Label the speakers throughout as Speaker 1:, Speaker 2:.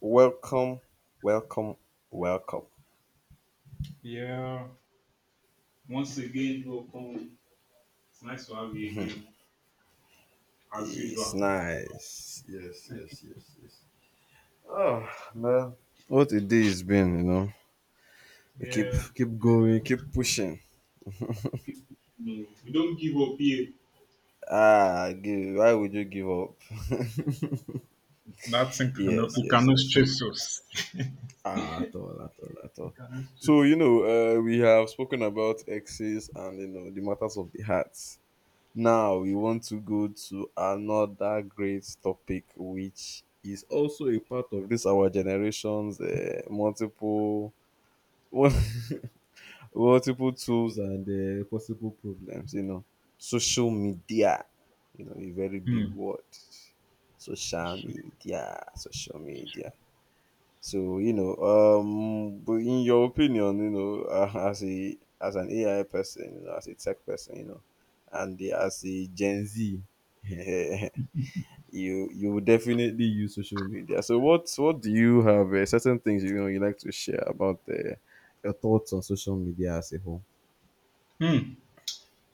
Speaker 1: Welcome, welcome, welcome.
Speaker 2: Yeah. Once again, welcome. It's nice to have you again, as
Speaker 1: It's
Speaker 2: usual.
Speaker 1: nice. Yes, yes, yes, yes. What a day it's been, you know. We keep
Speaker 2: Yeah.
Speaker 1: keep going, keep pushing.
Speaker 2: No, we don't give up here.
Speaker 1: Ah, give, why would you give up?
Speaker 2: That thing
Speaker 1: Yes,
Speaker 2: cannot it
Speaker 1: yes,
Speaker 2: cannot
Speaker 1: yes.
Speaker 2: stress us.
Speaker 1: Ah, at all, at all, at
Speaker 2: We
Speaker 1: all.
Speaker 2: cannot stress
Speaker 1: So
Speaker 2: us.
Speaker 1: we have spoken about exes and you know the matters of the heart. Now we want to go to another great topic, which is also a part of this our generation's multiple multiple tools and possible problems. You know, social media. You know, a very big
Speaker 2: Hmm.
Speaker 1: word. Social media. Social media. So but in your opinion, you know, as a as an AI person, you know, as a tech person, you know, and as a Gen Z, you you would definitely use social media. So what do you have? Certain things you know you like to share about your thoughts on social media as a whole.
Speaker 2: Hmm.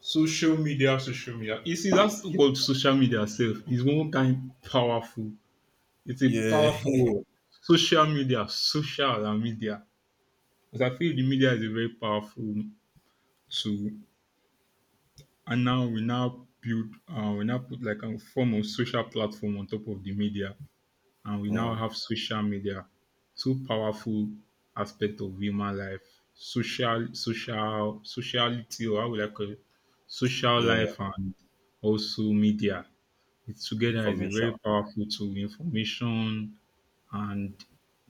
Speaker 2: Social media, social media. You see, that's what social media self is one kind powerful. It's a
Speaker 1: Yeah.
Speaker 2: powerful word. Social media, social and media. Because I feel the media is a very powerful tool, and now we now put like a form of social platform on top of the media, and we now
Speaker 1: Yeah,
Speaker 2: have social media, two powerful aspect of human life, sociality, or how would I call it, social
Speaker 1: yeah,
Speaker 2: life and also media. It together is a
Speaker 1: information.
Speaker 2: very powerful tool, information and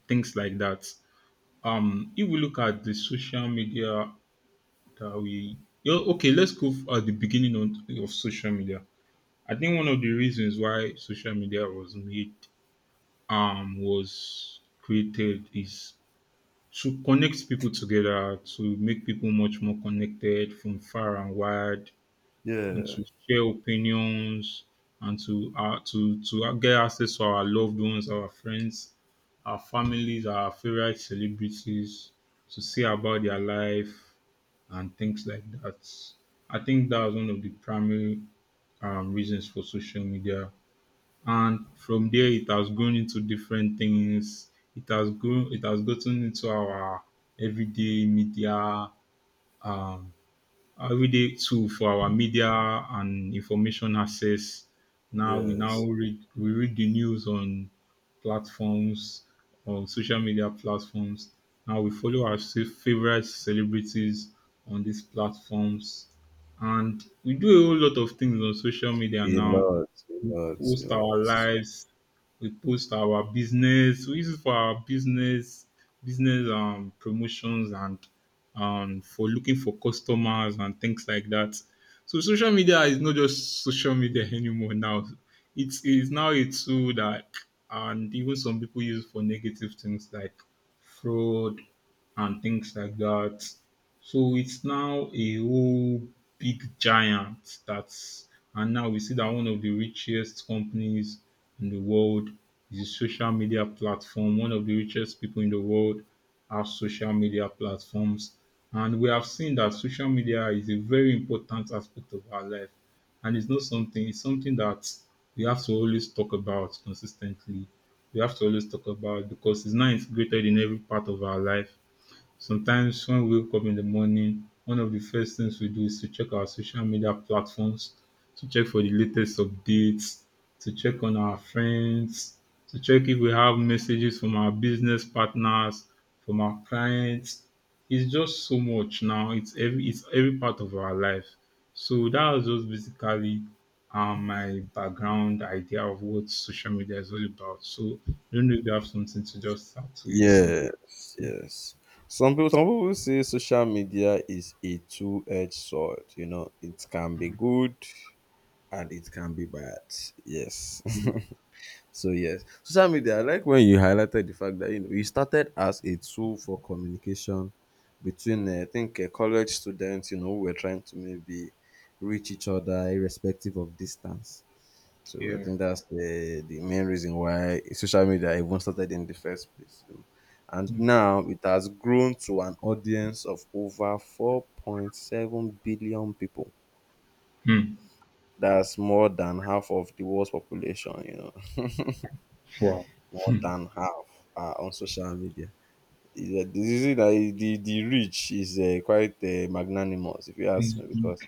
Speaker 2: things like that. If we look at the social media that we yeah, okay, at the beginning of social media, I think one of the reasons why social media was created is to connect people together, to make people much more connected from far and wide, and
Speaker 1: Yeah.
Speaker 2: to share opinions, and to get access to our loved ones, our friends, our families, our favorite celebrities, to see about their life and things like that. I think that was one of the primary reasons for social media, and from there it has grown into different things. It has grown. It has gotten into our everyday media, um, everyday tool for our media and information access. Now we now
Speaker 1: Yes.
Speaker 2: read we read the news on platforms, on social media platforms. Now we follow our favorite celebrities on these platforms, and we do a whole lot of things on social media
Speaker 1: A
Speaker 2: now,
Speaker 1: lot, a lot, a
Speaker 2: post our
Speaker 1: lot.
Speaker 2: lives, we post our business, we use it for our business, business promotions, and for looking for customers and things like that. So social media is not just social media anymore now. It's now a tool that, and even some people use it for negative things like fraud and things like that. So it's now a whole big giant that's and now we see that one of the richest companies in the world is a social media platform. One of the richest people in the world have social media platforms. And we have seen that social media is a very important aspect of our life. And it's not something, it's something that we have to always talk about consistently. We have to always talk about, because it's now integrated in every part of our life. Sometimes when we wake up in the morning, one of the first things we do is to check our social media platforms, to check for the latest updates, to check on our friends, to check if we have messages from our business partners, from our clients. It's just so much now. It's every part of our life. So that was just basically my background idea of what social media is all about. So I don't know if you have something to just add to it
Speaker 1: Yes, yes. Some people will say social media is a two-edged sword. You know, it can be good and it can be bad. Yes. So yes, social media. I like when you highlighted the fact that you know you started as a tool for communication between, I think, college students. You know, who were trying to maybe reach each other irrespective of distance. So I
Speaker 2: Yeah.
Speaker 1: think that's the main reason why social media even started in the first place, you know. And now it has grown to an audience of over 4.7 billion people.
Speaker 2: Mm.
Speaker 1: That's more than half of the world's population, you know.
Speaker 2: Wow.
Speaker 1: More than half are on social media. Yeah, the reach is quite magnanimous, if you ask me,
Speaker 2: Facebook.
Speaker 1: because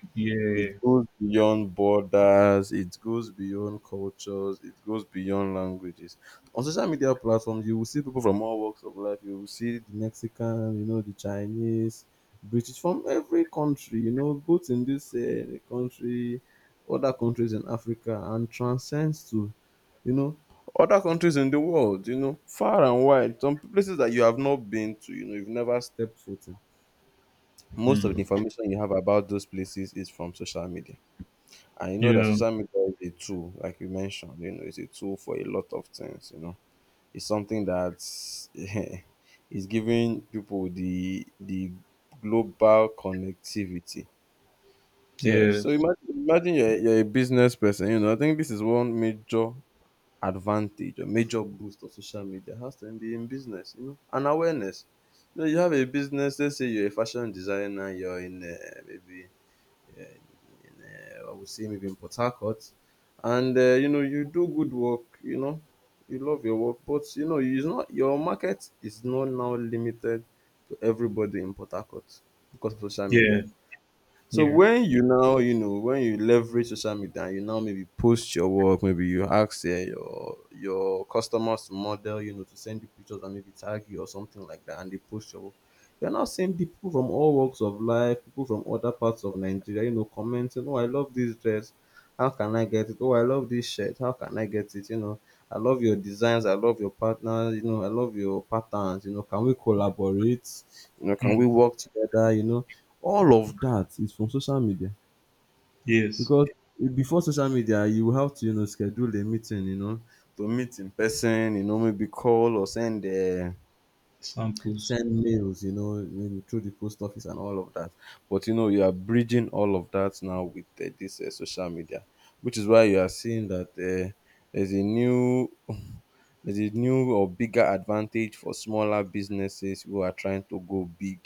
Speaker 1: it
Speaker 2: Yeah.
Speaker 1: goes beyond borders, it goes beyond cultures, it goes beyond languages. On social media platforms, you will see people from all walks of life. You will see the Mexican, you know, the Chinese, British, from every country, you know, both in this country, other countries in Africa, and transcends to, you know, other countries in the world, you know, far and wide. Some places that you have not been to, you know, you've never stepped foot in. Most of
Speaker 2: Mm.
Speaker 1: the information you have about those places is from social media. And you know that
Speaker 2: Yeah.
Speaker 1: social media is a tool, like you mentioned, you know, it's a tool for a lot of things, you know. It's something that is giving people the global connectivity. Yeah. So
Speaker 2: Yes.
Speaker 1: imagine you're a business person, you know. I think this is one major advantage or major boost of social media has to be in business, you know, and awareness. You know, you have a business, let's say you're a fashion designer, you're in maybe in I would say maybe in Port Harcourt, and you know you do good work. You know you love your work, but you know your market is not now limited to everybody in Port Harcourt because of social
Speaker 2: Yeah.
Speaker 1: media. So
Speaker 2: Yeah.
Speaker 1: when you now, you know, when you leverage social media and you now maybe post your work, maybe you ask your customers to model, you know, to send you pictures and maybe tag you or something like that, and they post your work. You're now seeing people from all walks of life, people from other parts of Nigeria, you know, commenting, "Oh, I love this dress. How can I get it? Oh, I love this shirt. How can I get it? You know, I love your designs. I love your partners. You know, I love your patterns. You know, can we collaborate? You know, can
Speaker 2: Mm.
Speaker 1: we work together? You know." All of that is from social media
Speaker 2: Yes.
Speaker 1: because before social media, you have to you know schedule a meeting, you know, to meet in person, you know, maybe call or
Speaker 2: Samples.
Speaker 1: send mails, you know, maybe through the post office and all of that. But you know, you are bridging all of that now with this social media, which is why you are seeing that there's there's a new or bigger advantage for smaller businesses who are trying to go big.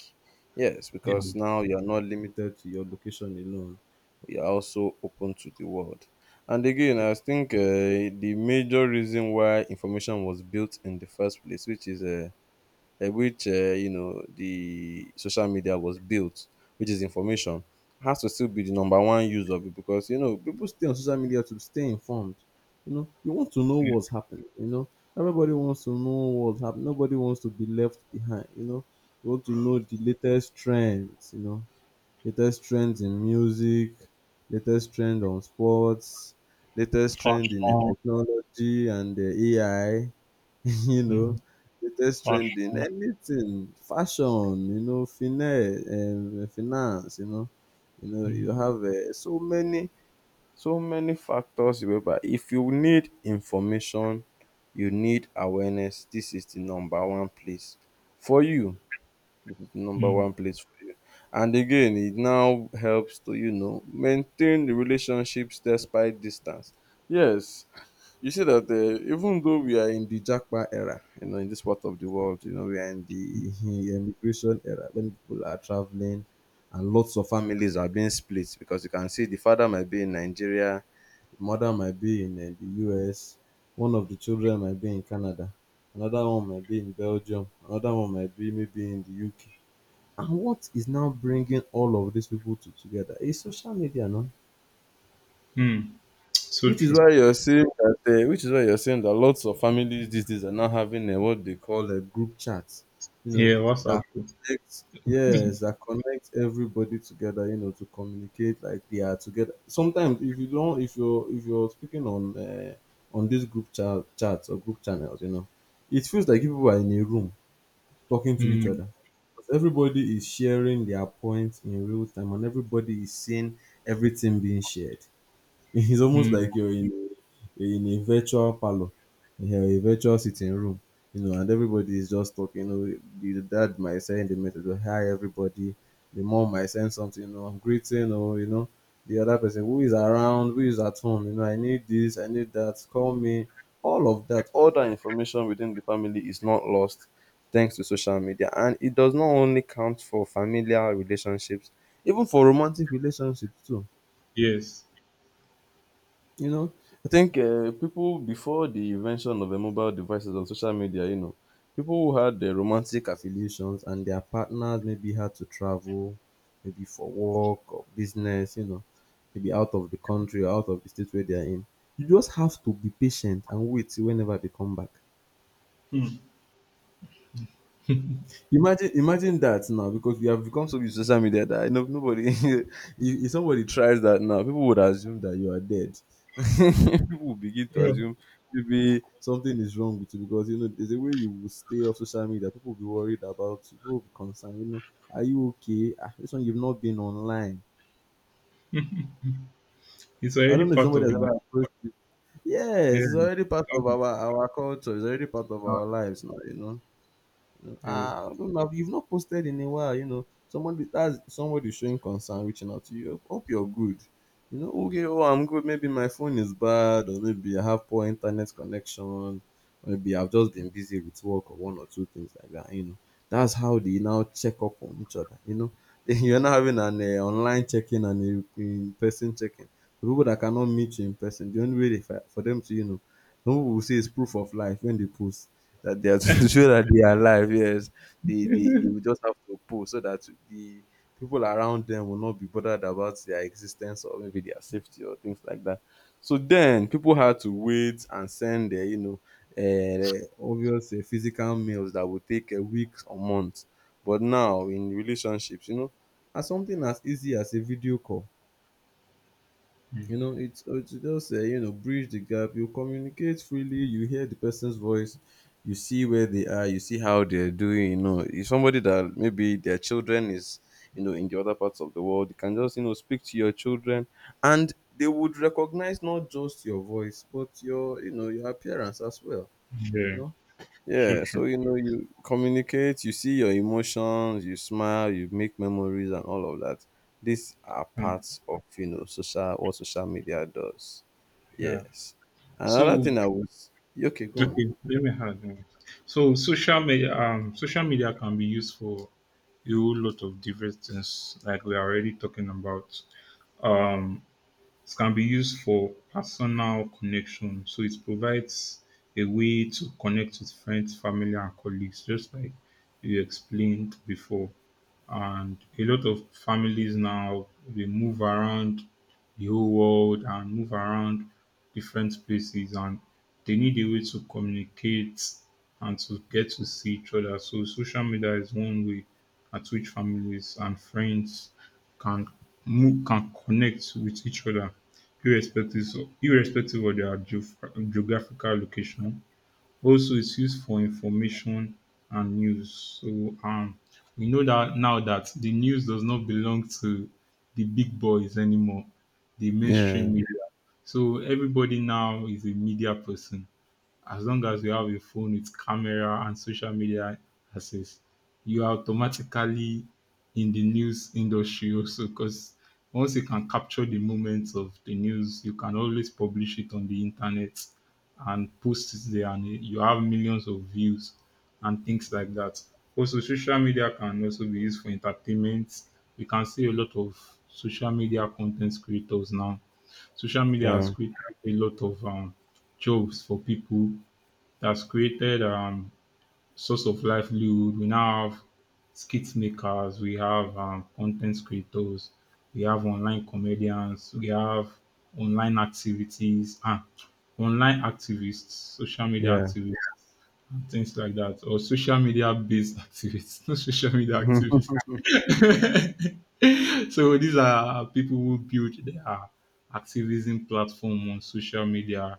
Speaker 1: Yes,
Speaker 2: Yeah. Mm.
Speaker 1: because now you are not limited to your location alone. You are also open to the world. And again, I think the major reason why information was built in the first place, which is which you know the social media was built, which is information, has to still be the number one use of it because you know people stay on social media to stay informed. You know, you want to know what's happening. You know, everybody wants to know what's happening. Nobody wants to be left behind. You know, you want to know the latest trends. You know, latest trends in music, latest trend on sports, latest trend in
Speaker 2: Fashion.
Speaker 1: technology and AI. You
Speaker 2: Hmm.
Speaker 1: know, latest trending,
Speaker 2: Fashion.
Speaker 1: anything, fashion, you know, finance, finance, you know, you know, you
Speaker 2: Hmm.
Speaker 1: have so many, so many factors. Remember, if you need information, you need awareness. This is the number one place for you. This is the number
Speaker 2: Hmm.
Speaker 1: one place for you. And again, it now helps to you know maintain the relationships despite distance. Yes, you see that even though we are in the jackpot era, you know, in this part of the world, you know, we are in the immigration era when people are traveling and lots of families are being split because you can see the father might be in Nigeria, the mother might be in the US, one of the children might be in Canada, another one might be in Belgium, another one might be maybe in the UK. And what is now bringing all of these people to, together is social media, no?
Speaker 2: Hmm. So
Speaker 1: Which is
Speaker 2: true.
Speaker 1: why you're saying that which is why you're saying that lots of families these days are now having a what they call a group chat, you know,
Speaker 2: Yeah.
Speaker 1: that
Speaker 2: WhatsApp.
Speaker 1: connects yes, that connects everybody together, you know, to communicate like they are together. Sometimes if you're speaking on these group chat chats or group channels, you know, it feels like people are in a room talking to each
Speaker 2: Hmm.
Speaker 1: other. Because everybody is sharing their points in real time and everybody is seeing everything being shared. It's almost
Speaker 2: Hmm.
Speaker 1: like you're in a virtual parlor, yeah, a virtual sitting room, you know, and everybody is just talking. You know, the dad might send a message, oh, "Hi, everybody." The mom might send something, you know, "I'm greeting," or you know, the other person who is around, who is at home, you know, "I need this, I need that, call me." All of that, all that information within the family is not lost thanks to social media, and it does not only count for familiar relationships, even for romantic relationships too,
Speaker 2: Yes.
Speaker 1: you know. I think people before the invention of mobile devices on social media, you know, people who had romantic affiliations and their partners maybe had to travel, maybe for work or business, you know, maybe out of the country or out of the state where they are in. You just have to be patient and wait till whenever they come back.
Speaker 2: Hmm.
Speaker 1: Imagine that now because we have become so used to social media that nobody, if somebody tries that now, people would assume that you are dead. People would begin to
Speaker 2: Yeah.
Speaker 1: assume maybe something is wrong with you because you know there's a way you will stay off social media. People will be worried about you. People will be concerned. You know, are you okay? Ah, this one you've not been online.
Speaker 2: It's
Speaker 1: I don't
Speaker 2: already
Speaker 1: know if
Speaker 2: part
Speaker 1: somebody
Speaker 2: of
Speaker 1: has ever approached you.
Speaker 2: yeah.
Speaker 1: Yes, it's already part of
Speaker 2: Exactly.
Speaker 1: our culture. It's already part of our lives now. You know.
Speaker 2: Yeah.
Speaker 1: I don't know. You've not posted in a while, you know. Somebody that's somebody showing concern, reaching out to you. Hope you're good. You know, okay, oh, I'm good. Maybe my phone is bad, or maybe I have poor internet connection, or maybe I've just been busy with work or one or two things like that. You know, that's how they now check up on each other. You know, then you're now having an online in and a in person checking. The people that cannot meet you in person, the only way they, for them to, you know, some people will say it's proof of life when they post that they are to show that they are alive. Yes, they will just have to pose so that the people around them will not be bothered about their existence or maybe their safety or things like that. So then people had to wait and send their uh, obvious physical mails that would take a weeks or months. But now in relationships, as something as easy as a video call, it's just bridge the gap. You communicate freely, you hear the person's voice, you see where they are, you see how they're doing. If somebody that maybe their children is in the other parts of the world, you can just speak to your children, and they would recognize not just your voice but your your appearance as well. you
Speaker 2: Yeah.
Speaker 1: know
Speaker 2: So
Speaker 1: yeah,
Speaker 2: true.
Speaker 1: so you communicate, you see your emotions, you smile, you make memories, and all of that. These are
Speaker 2: Yeah.
Speaker 1: parts of social what social media does.
Speaker 2: Yeah.
Speaker 1: Yes. Another
Speaker 2: So
Speaker 1: thing I was. Okay, go
Speaker 2: okay.
Speaker 1: on.
Speaker 2: Let me add one. So social media. Social media can be used for a whole lot of different things, like we are already talking about. Um, it can be used for personal connection, so it provides a way to connect with friends, family, and colleagues, just like you explained before, and a lot of families now, they move around the whole world and move around different places, and they need a way to communicate and to get to see each other. So social media is one way at which families and friends can move, can connect with each other, irrespective of their geographical location. Also, it's used for information and news. So um, we know that now that the news does not belong to the big boys anymore, the mainstream
Speaker 1: Yeah,
Speaker 2: media. So everybody now is a media person, as long as you have a phone with camera and social media access, you are automatically in the news industry, also because once you can capture the moments of the news, you can always publish it on the internet and post it there, and you have millions of views and things like that. Also, social media can also be used for entertainment. You can see a lot of social media content creators now. Social media has
Speaker 1: yeah,
Speaker 2: created a lot of jobs for people, that's created source of livelihood. We now have skit makers, we have content creators, we have online comedians, we have online activities, and online activists, social media
Speaker 1: yeah.
Speaker 2: activists, and things like that, or social media based activists, not social media
Speaker 1: Mhm.
Speaker 2: activists. So these are people who build their activism platform on social media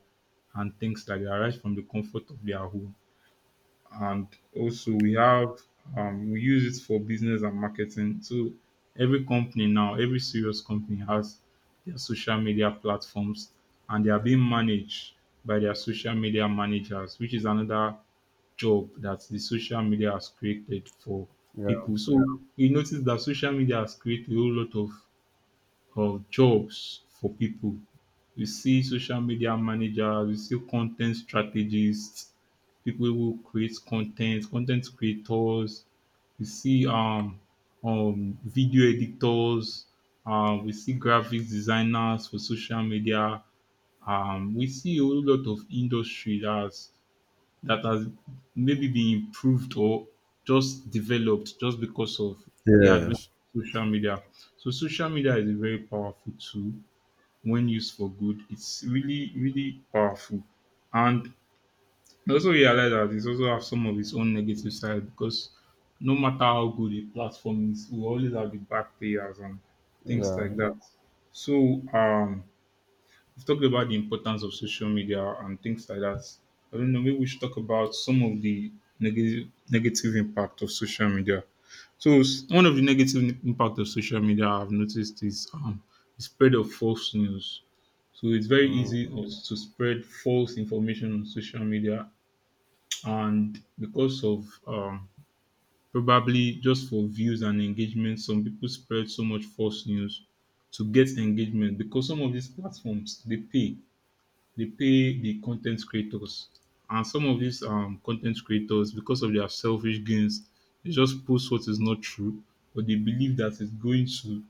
Speaker 2: and things like that, right from the comfort of their home. And also we have, we use it for business and marketing. So every company now, every serious company, has their social media platforms, and they are being managed by their social media managers, which is another job that the social media has created for
Speaker 1: Yeah.
Speaker 2: people. So we notice that social media has created a whole lot of jobs for people. You see social media managers, you see content strategists, people who create content, content creators, we see video editors, we see graphics designers for social media. We see a whole lot of industry that has maybe been improved or just developed just because of the advent
Speaker 1: Yes.
Speaker 2: of social media. So social media is a very powerful tool. When used for good, it's really, really powerful. And I also realize that it also have some of its own negative side, because no matter how good a platform is, we always have the bad players and things
Speaker 1: Yeah.
Speaker 2: like that. So we've talked about the importance of social media and things like that. I don't know, maybe we should talk about some of the negative impact of social media. So one of the negative impact of social media I've noticed is the spread of false news. So it's very
Speaker 1: Mm.
Speaker 2: easy us to spread false information on social media, and because of um, probably just for views and engagement, some people spread so much false news to get engagement, because some of these platforms, they pay the content creators. And some of these content creators, because of their selfish gains, they just post what is not true, but they believe that it's going to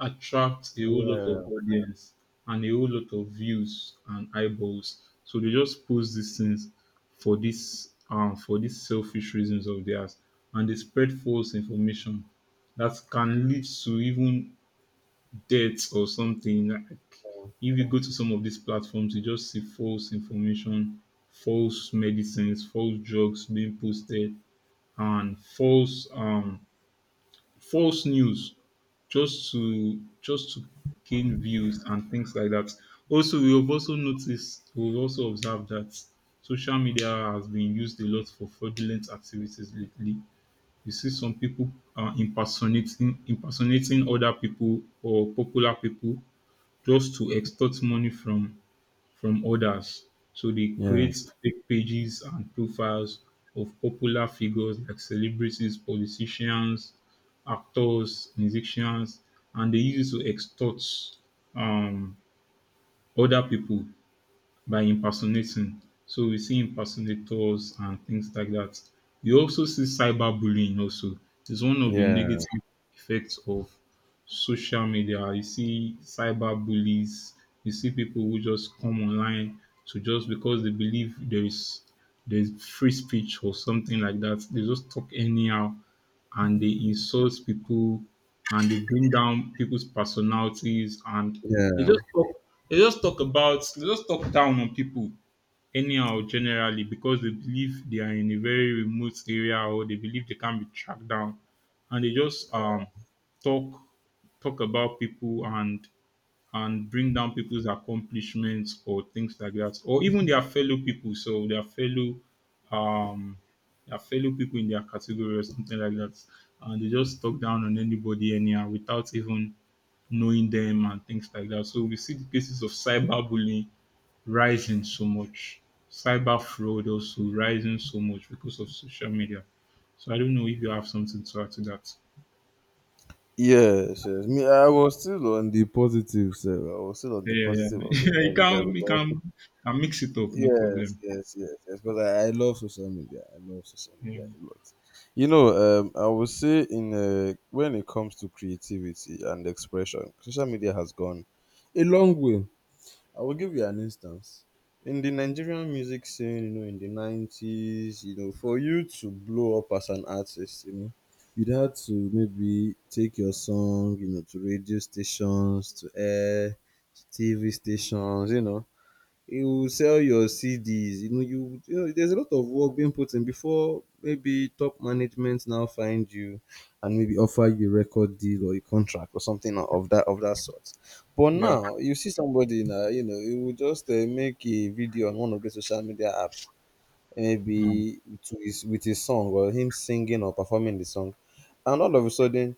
Speaker 2: attract a whole lot of
Speaker 1: Yeah,
Speaker 2: audience and a whole lot of views and eyeballs. So they just post these things for these selfish reasons of theirs, and they spread false information that can lead to even death or something. Like if you go to some of these platforms, you just see false information, false medicines, false drugs being posted, and false news just to gain views and things like that. Also, we have also noticed, we've also observed that social media has been used a lot for fraudulent activities lately. You see some people impersonating other people or popular people, just to extort money from others. So they
Speaker 1: yeah,
Speaker 2: create fake pages and profiles of popular figures like celebrities, politicians, actors, musicians, and they use it to extort um, other people by impersonating. So we see impersonators and things like that. We also see cyberbullying also. It's one of the
Speaker 1: yeah,
Speaker 2: negative effects of social media. You see cyberbullies, you see people who just come online to, just because they believe there's free speech or something like that. They just talk anyhow, and they insult people, and they bring down people's personalities, and they
Speaker 1: yeah.
Speaker 2: just talk they just talk down on people anyhow, generally, because they believe they are in a very remote area, or they believe they can't be tracked down. And they just talk talk about people, and bring down people's accomplishments or things like that, or even their fellow people. So um, their fellow people in their category or something like that. And they just talk down on anybody anyhow without even knowing them and things like that. So we see the cases of cyberbullying rising so much, cyber fraud also rising so much because of social media. So I don't know if you have something to add to that.
Speaker 1: Yes, yes. Me, I was still on the positive side. I was still on
Speaker 2: Yeah,
Speaker 1: the
Speaker 2: yeah,
Speaker 1: positive of
Speaker 2: yeah.
Speaker 1: social
Speaker 2: you
Speaker 1: media
Speaker 2: can, you
Speaker 1: because.
Speaker 2: can, can mix it up, no
Speaker 1: Yes,
Speaker 2: problem.
Speaker 1: yes, yes, yes. But I love social media. I love social
Speaker 2: Yeah,
Speaker 1: media a lot. You know, I would say in when it comes to creativity and expression, social media has gone a long way. I will give you an instance. In the Nigerian music scene, in the 90s, for you to blow up as an artist, you'd had to maybe take your song, to radio stations, to air, to TV stations. You sell your CDs. There's a lot of work being put in before maybe top management now find you and maybe offer you a record deal or a contract or something of that sort. But
Speaker 2: yeah.
Speaker 1: now you see somebody now, he will just make a video on one of the social media apps,
Speaker 2: Mm.
Speaker 1: maybe to with his song or him singing or performing the song, and all of a sudden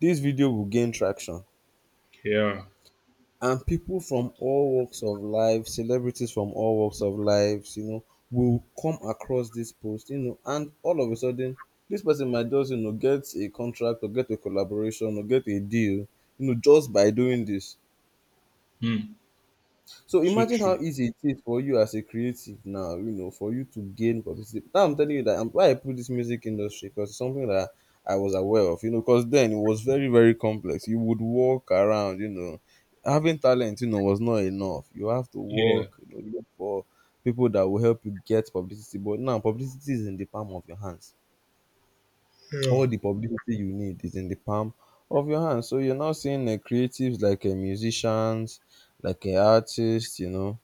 Speaker 1: this video will gain traction,
Speaker 2: Yeah.
Speaker 1: and people from all walks of life, celebrities from all walks of lives, will come across this post, and all of a sudden, this person might just, get a contract or get a collaboration or get a deal, just by doing this.
Speaker 2: Mm.
Speaker 1: So
Speaker 2: So
Speaker 1: imagine how
Speaker 2: true.
Speaker 1: easy it is for you as a creative now, for you to gain publicity. Now I'm telling you that I'm why I put this music industry, because it's something that I was aware of, because then it was very, very complex. You would walk around, having talent, was not enough. You have to
Speaker 2: Yeah,
Speaker 1: work, look for people that will help you get publicity. But now publicity is in the palm of your hands.
Speaker 2: yeah.
Speaker 1: All the publicity you need is in the palm of your hands. So you're now seeing creatives like musicians, like artists,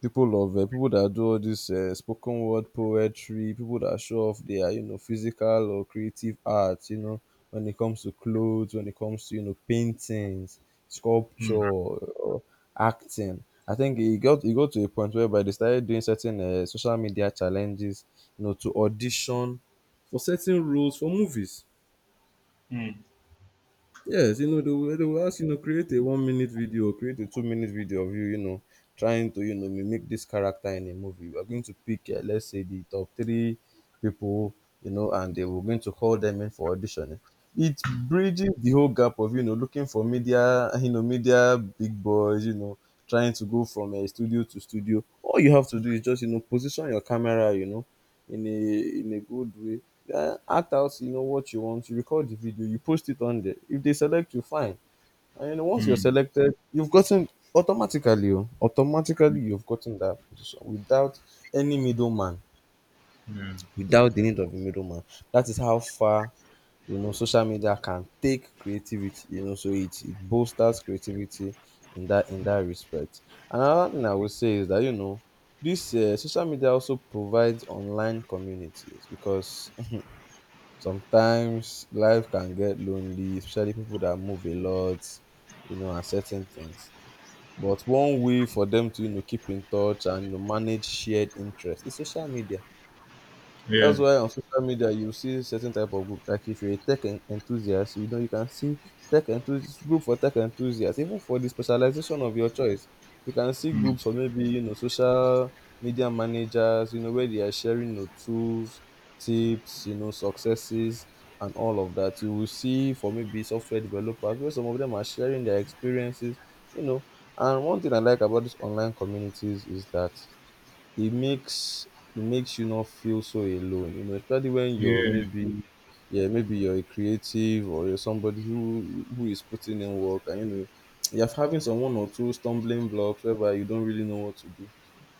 Speaker 1: people that do all this spoken word poetry, people that show off their physical or creative arts. You know, when it comes to clothes, when it comes to paintings, sculpture,
Speaker 2: Mm.
Speaker 1: or acting. I think it got to a point whereby they started doing certain social media challenges, to audition for certain roles for movies.
Speaker 2: Mm.
Speaker 1: Yes, they will ask, create a 1-minute video, create a 2-minute video of you, trying to, mimic this character in a movie. We're going to pick, let's say, the top three people, and they were going to call them in for auditioning. It bridges the whole gap of, looking for media, media big boys, trying to go from a studio to studio. All you have to do is just, position your camera, in a good way. Act out what you want. You record the video, you post it on there. If they select you, fine. And once you're
Speaker 2: Mm.
Speaker 1: selected, you've gotten automatically. Oh, Automatically you've gotten that position without any middleman,
Speaker 2: Yeah,
Speaker 1: without the need of a middleman. That is how far social media can take creativity, so it bolsters creativity in that respect. Another thing I would say is that this social media also provides online communities, because sometimes life can get lonely, especially people that move a lot, and certain things. But one way for them to, keep in touch and manage shared interest is social media.
Speaker 2: yeah,
Speaker 1: That's why on social media you see certain type of group. Like if you're a tech enthusiast, you can see tech enthusiast group for tech enthusiasts, even for the specialization of your choice. You can see
Speaker 2: mm.
Speaker 1: groups for maybe social media managers, where they are sharing, tools, tips, successes, and all of that. You will see for maybe software developers where some of them are sharing their experiences, you know. And one thing I like about these online communities is that it makes it makes you not feel so alone, especially when you're
Speaker 2: Yeah,
Speaker 1: maybe, yeah, maybe you're a creative or you're somebody who is putting in work, and you're having some one or two stumbling blocks whereby you don't really know what to do.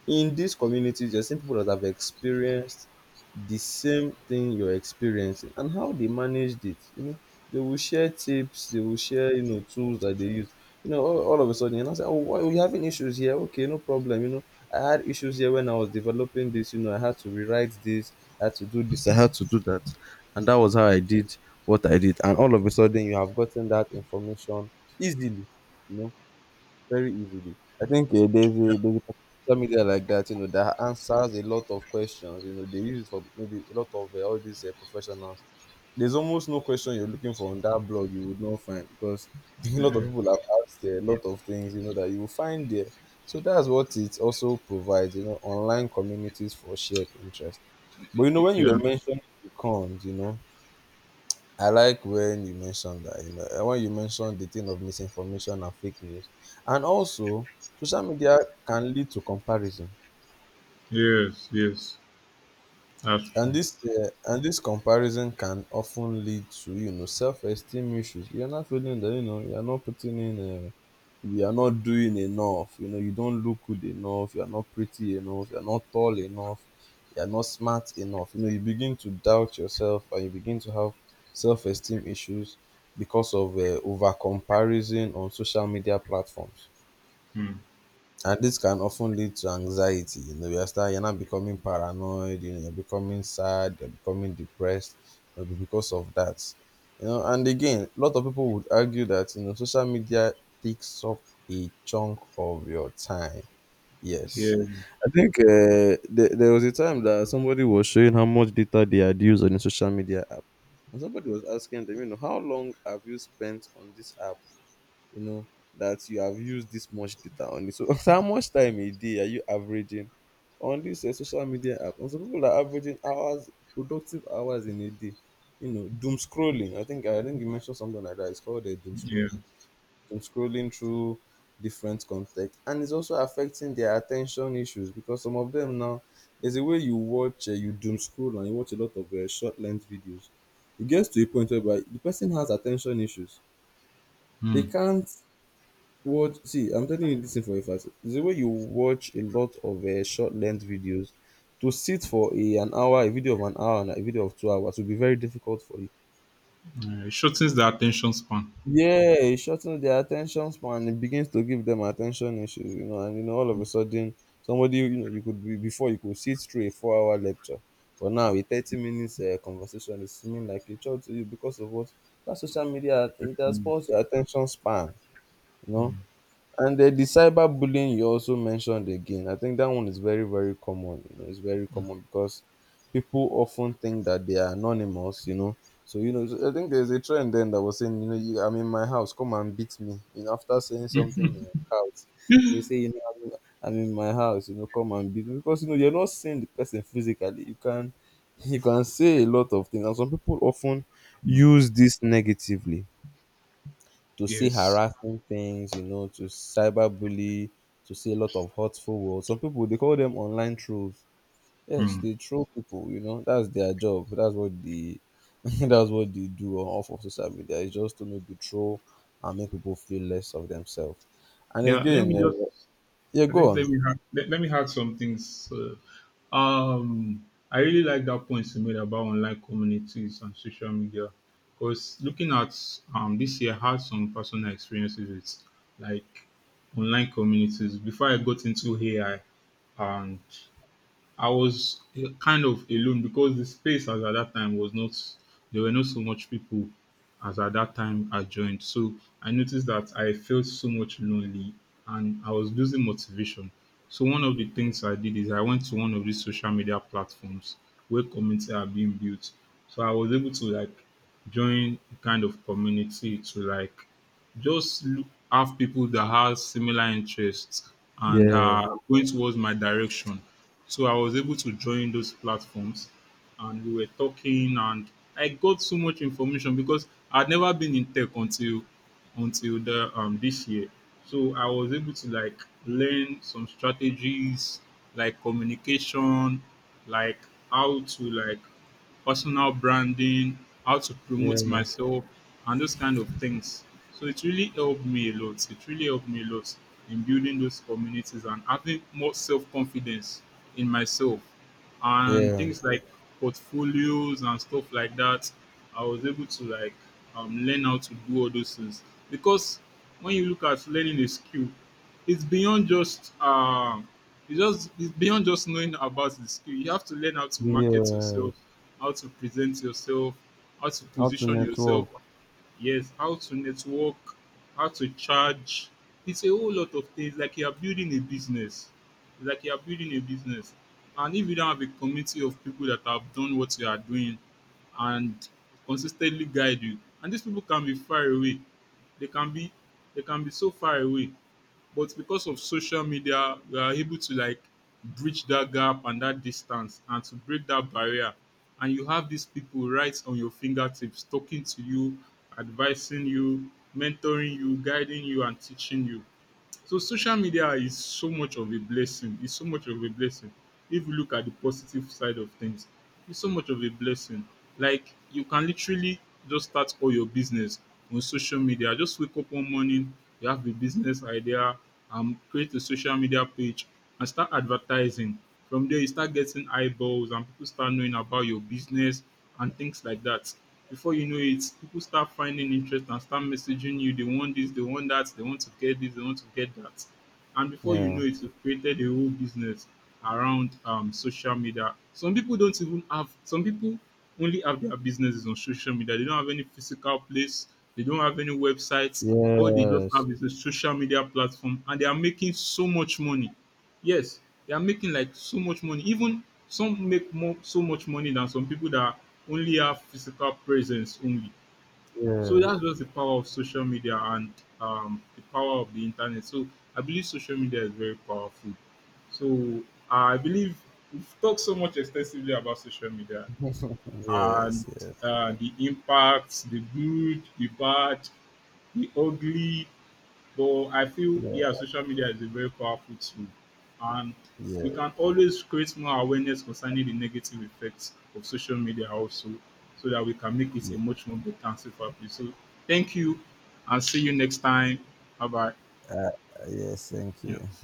Speaker 1: In these communities, you're seeing people that have experienced the same thing you're experiencing and how they managed it. They will share tips, they will share tools that they use. All of a sudden, and I say, oh, why are you having issues here? Okay, no problem. I had issues here when I was developing this. I had to rewrite this, I had to do this, I had to do that, and that was how I did what I did. And all of a sudden, you have gotten that information easily, you know very easily. I think there's a social media like that, that answers a lot of questions. You know, they use it for maybe a lot of all these professionals. There's almost no question you're looking for on that blog you would not find, because a lot of people have asked a lot of things, that you will find there. So that's what it also provides, online communities for shared interest. But
Speaker 2: yeah.
Speaker 1: when you
Speaker 2: Yeah.
Speaker 1: were mentioning the cons, I like when you mentioned that, when you mentioned the thing of misinformation and fake news. And also, social media can lead to comparison.
Speaker 2: Yes, yes. That's
Speaker 1: and
Speaker 2: true.
Speaker 1: this uh, and this comparison can often lead to self-esteem issues. You're not feeling that you are not doing enough. You don't look good enough, you're not pretty enough, you're not tall enough, you're not smart enough. You begin to doubt yourself, and you begin to have self-esteem issues because of over comparison on social media platforms.
Speaker 2: Mm.
Speaker 1: And this can often lead to anxiety. You know, you're not becoming paranoid. You know, you're becoming sad. You're becoming depressed. Maybe because of that. You know, and again, a lot of people would argue that social media takes up a chunk of your time. Yes,
Speaker 2: Yeah,
Speaker 1: I think there was a time that somebody was showing how much data they had used on a social media app, and somebody was asking them, how long have you spent on this app, you know that you have used this much data on it. So, how much time a day are you averaging on this social media app? And some people are averaging hours, productive hours in a day. You know, doom scrolling. I think you mentioned something like that. It's called a doom
Speaker 2: yeah.
Speaker 1: scrolling. Doom scrolling through different content, and it's also affecting their attention issues because some of them now, there's a way you watch, you doom scroll, and you watch a lot of short length videos. It gets to a point whereby the person has attention issues. They
Speaker 2: Mm.
Speaker 1: can't. Watch, see, I'm telling you this thing for a fact. It's the way you watch a lot of short length videos. To sit for an hour, a video of an hour, and a video of 2 hours will be very difficult for you.
Speaker 2: It shortens the attention span.
Speaker 1: Yeah, it shortens their attention span. It begins to give them attention issues, and all of a sudden, somebody you know you could be before you could sit through a 4-hour lecture, but now a 30 minutes conversation is seeming like a chore to you, because of what, that social media, it has paused your attention span, you know. And then the cyberbullying you also mentioned again, I think that one is very, very common. You know, it's very common because people often think that they are anonymous. So, so I think there's a trend then that was saying, I'm in my house, come and beat me. You know, after saying something in your house, they'll say, I'm in my house, come and beat me. Because, you're not seeing the person physically. You can say a lot of things. And some people often
Speaker 2: Mm.
Speaker 1: use this negatively to see
Speaker 2: Yes.
Speaker 1: harassing things, to cyberbully, to see a lot of hurtful words. Some people they call them online trolls. Yes,
Speaker 2: Mm.
Speaker 1: they troll people, that's their job. That's what they that's what they do on off of social media. It's just to maybe troll and make people feel less of themselves. And
Speaker 2: Yeah, let me
Speaker 1: again,
Speaker 2: just.
Speaker 1: yeah,
Speaker 2: I
Speaker 1: go
Speaker 2: think let
Speaker 1: on.
Speaker 2: me add, let me add some things. I really like that point you made about online communities and social media, because looking at this year, I had some personal experiences with like online communities before I got into AI, and I was kind of alone because the space as at that time was not, there were not so much people as at that time I joined. So I noticed that I felt so much lonely and I was losing motivation. So one of the things I did is I went to one of these social media platforms where communities are being built. So I was able to like join a kind of community to like just look, have people that have similar interests and
Speaker 1: Yeah,
Speaker 2: are going towards my direction. So I was able to join those platforms and we were talking and I got so much information because I'd never been in tech until the this year. So I was able to like learn some strategies like communication, like how to like personal branding, how to promote
Speaker 1: yeah,
Speaker 2: myself, and those kind of things. So it really helped me a lot. It really helped me a lot in building those communities and having more self confidence in myself. And
Speaker 1: yeah,
Speaker 2: things like portfolios and stuff like that, I was able to like learn how to do all those things. Because when you look at learning a skill, it's beyond just it's beyond just knowing about the skill. You have to learn how to market yourself,
Speaker 1: yes.
Speaker 2: how to present yourself, how to
Speaker 1: How to
Speaker 2: position yourself.
Speaker 1: network.
Speaker 2: Yes, how to network, how to charge. It's a whole lot of things. Like you are building a business. It's like you are building a business, and if you don't have a community of people that have done what you are doing, and consistently guide you, and these people can be far away. They can be they can be so far away but because of social media we are able to like bridge that gap and that distance and to break that barrier and you have these people right on your fingertips talking to you, advising you, mentoring you, guiding you and teaching you. So social media is so much of a blessing. It's so much of a blessing. If you look at the positive side of things, it's so much of a blessing. Like you can literally just start all your business on social media. Just wake up one morning, you have a business idea, create a social media page and start advertising. From there, you start getting eyeballs and people start knowing about your business and things like that. Before you know it, people start finding interest and start messaging you. They want this, they want that, they want to get this, they want to get that. And before you know
Speaker 1: Yeah.
Speaker 2: it, you've created a whole business around social media. Some people don't even have, Some people only have their businesses on social media. They don't have any physical place, they don't have any websites. All they just
Speaker 1: Yes.
Speaker 2: have is a social media platform and they are making so much money. Yes, they are making like so much money. Even some make more so much money than some people that only have physical presence only. So that's
Speaker 1: Yes.
Speaker 2: just the power of social media and the power of the internet. So I believe social media is very powerful. So I believe we've talked so much extensively about social media and
Speaker 1: Yes. Yes.
Speaker 2: the impacts, the good, the bad, the ugly, but I feel, yeah,
Speaker 1: Yeah.
Speaker 2: social media is a very powerful tool, and we can always create more awareness concerning the negative effects of social media also, so that we can make it a
Speaker 1: Yeah.
Speaker 2: much more better and safer place. So thank you, and see you next time. Bye bye.
Speaker 1: Yes, thank you.
Speaker 2: Yeah.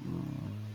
Speaker 1: Mm.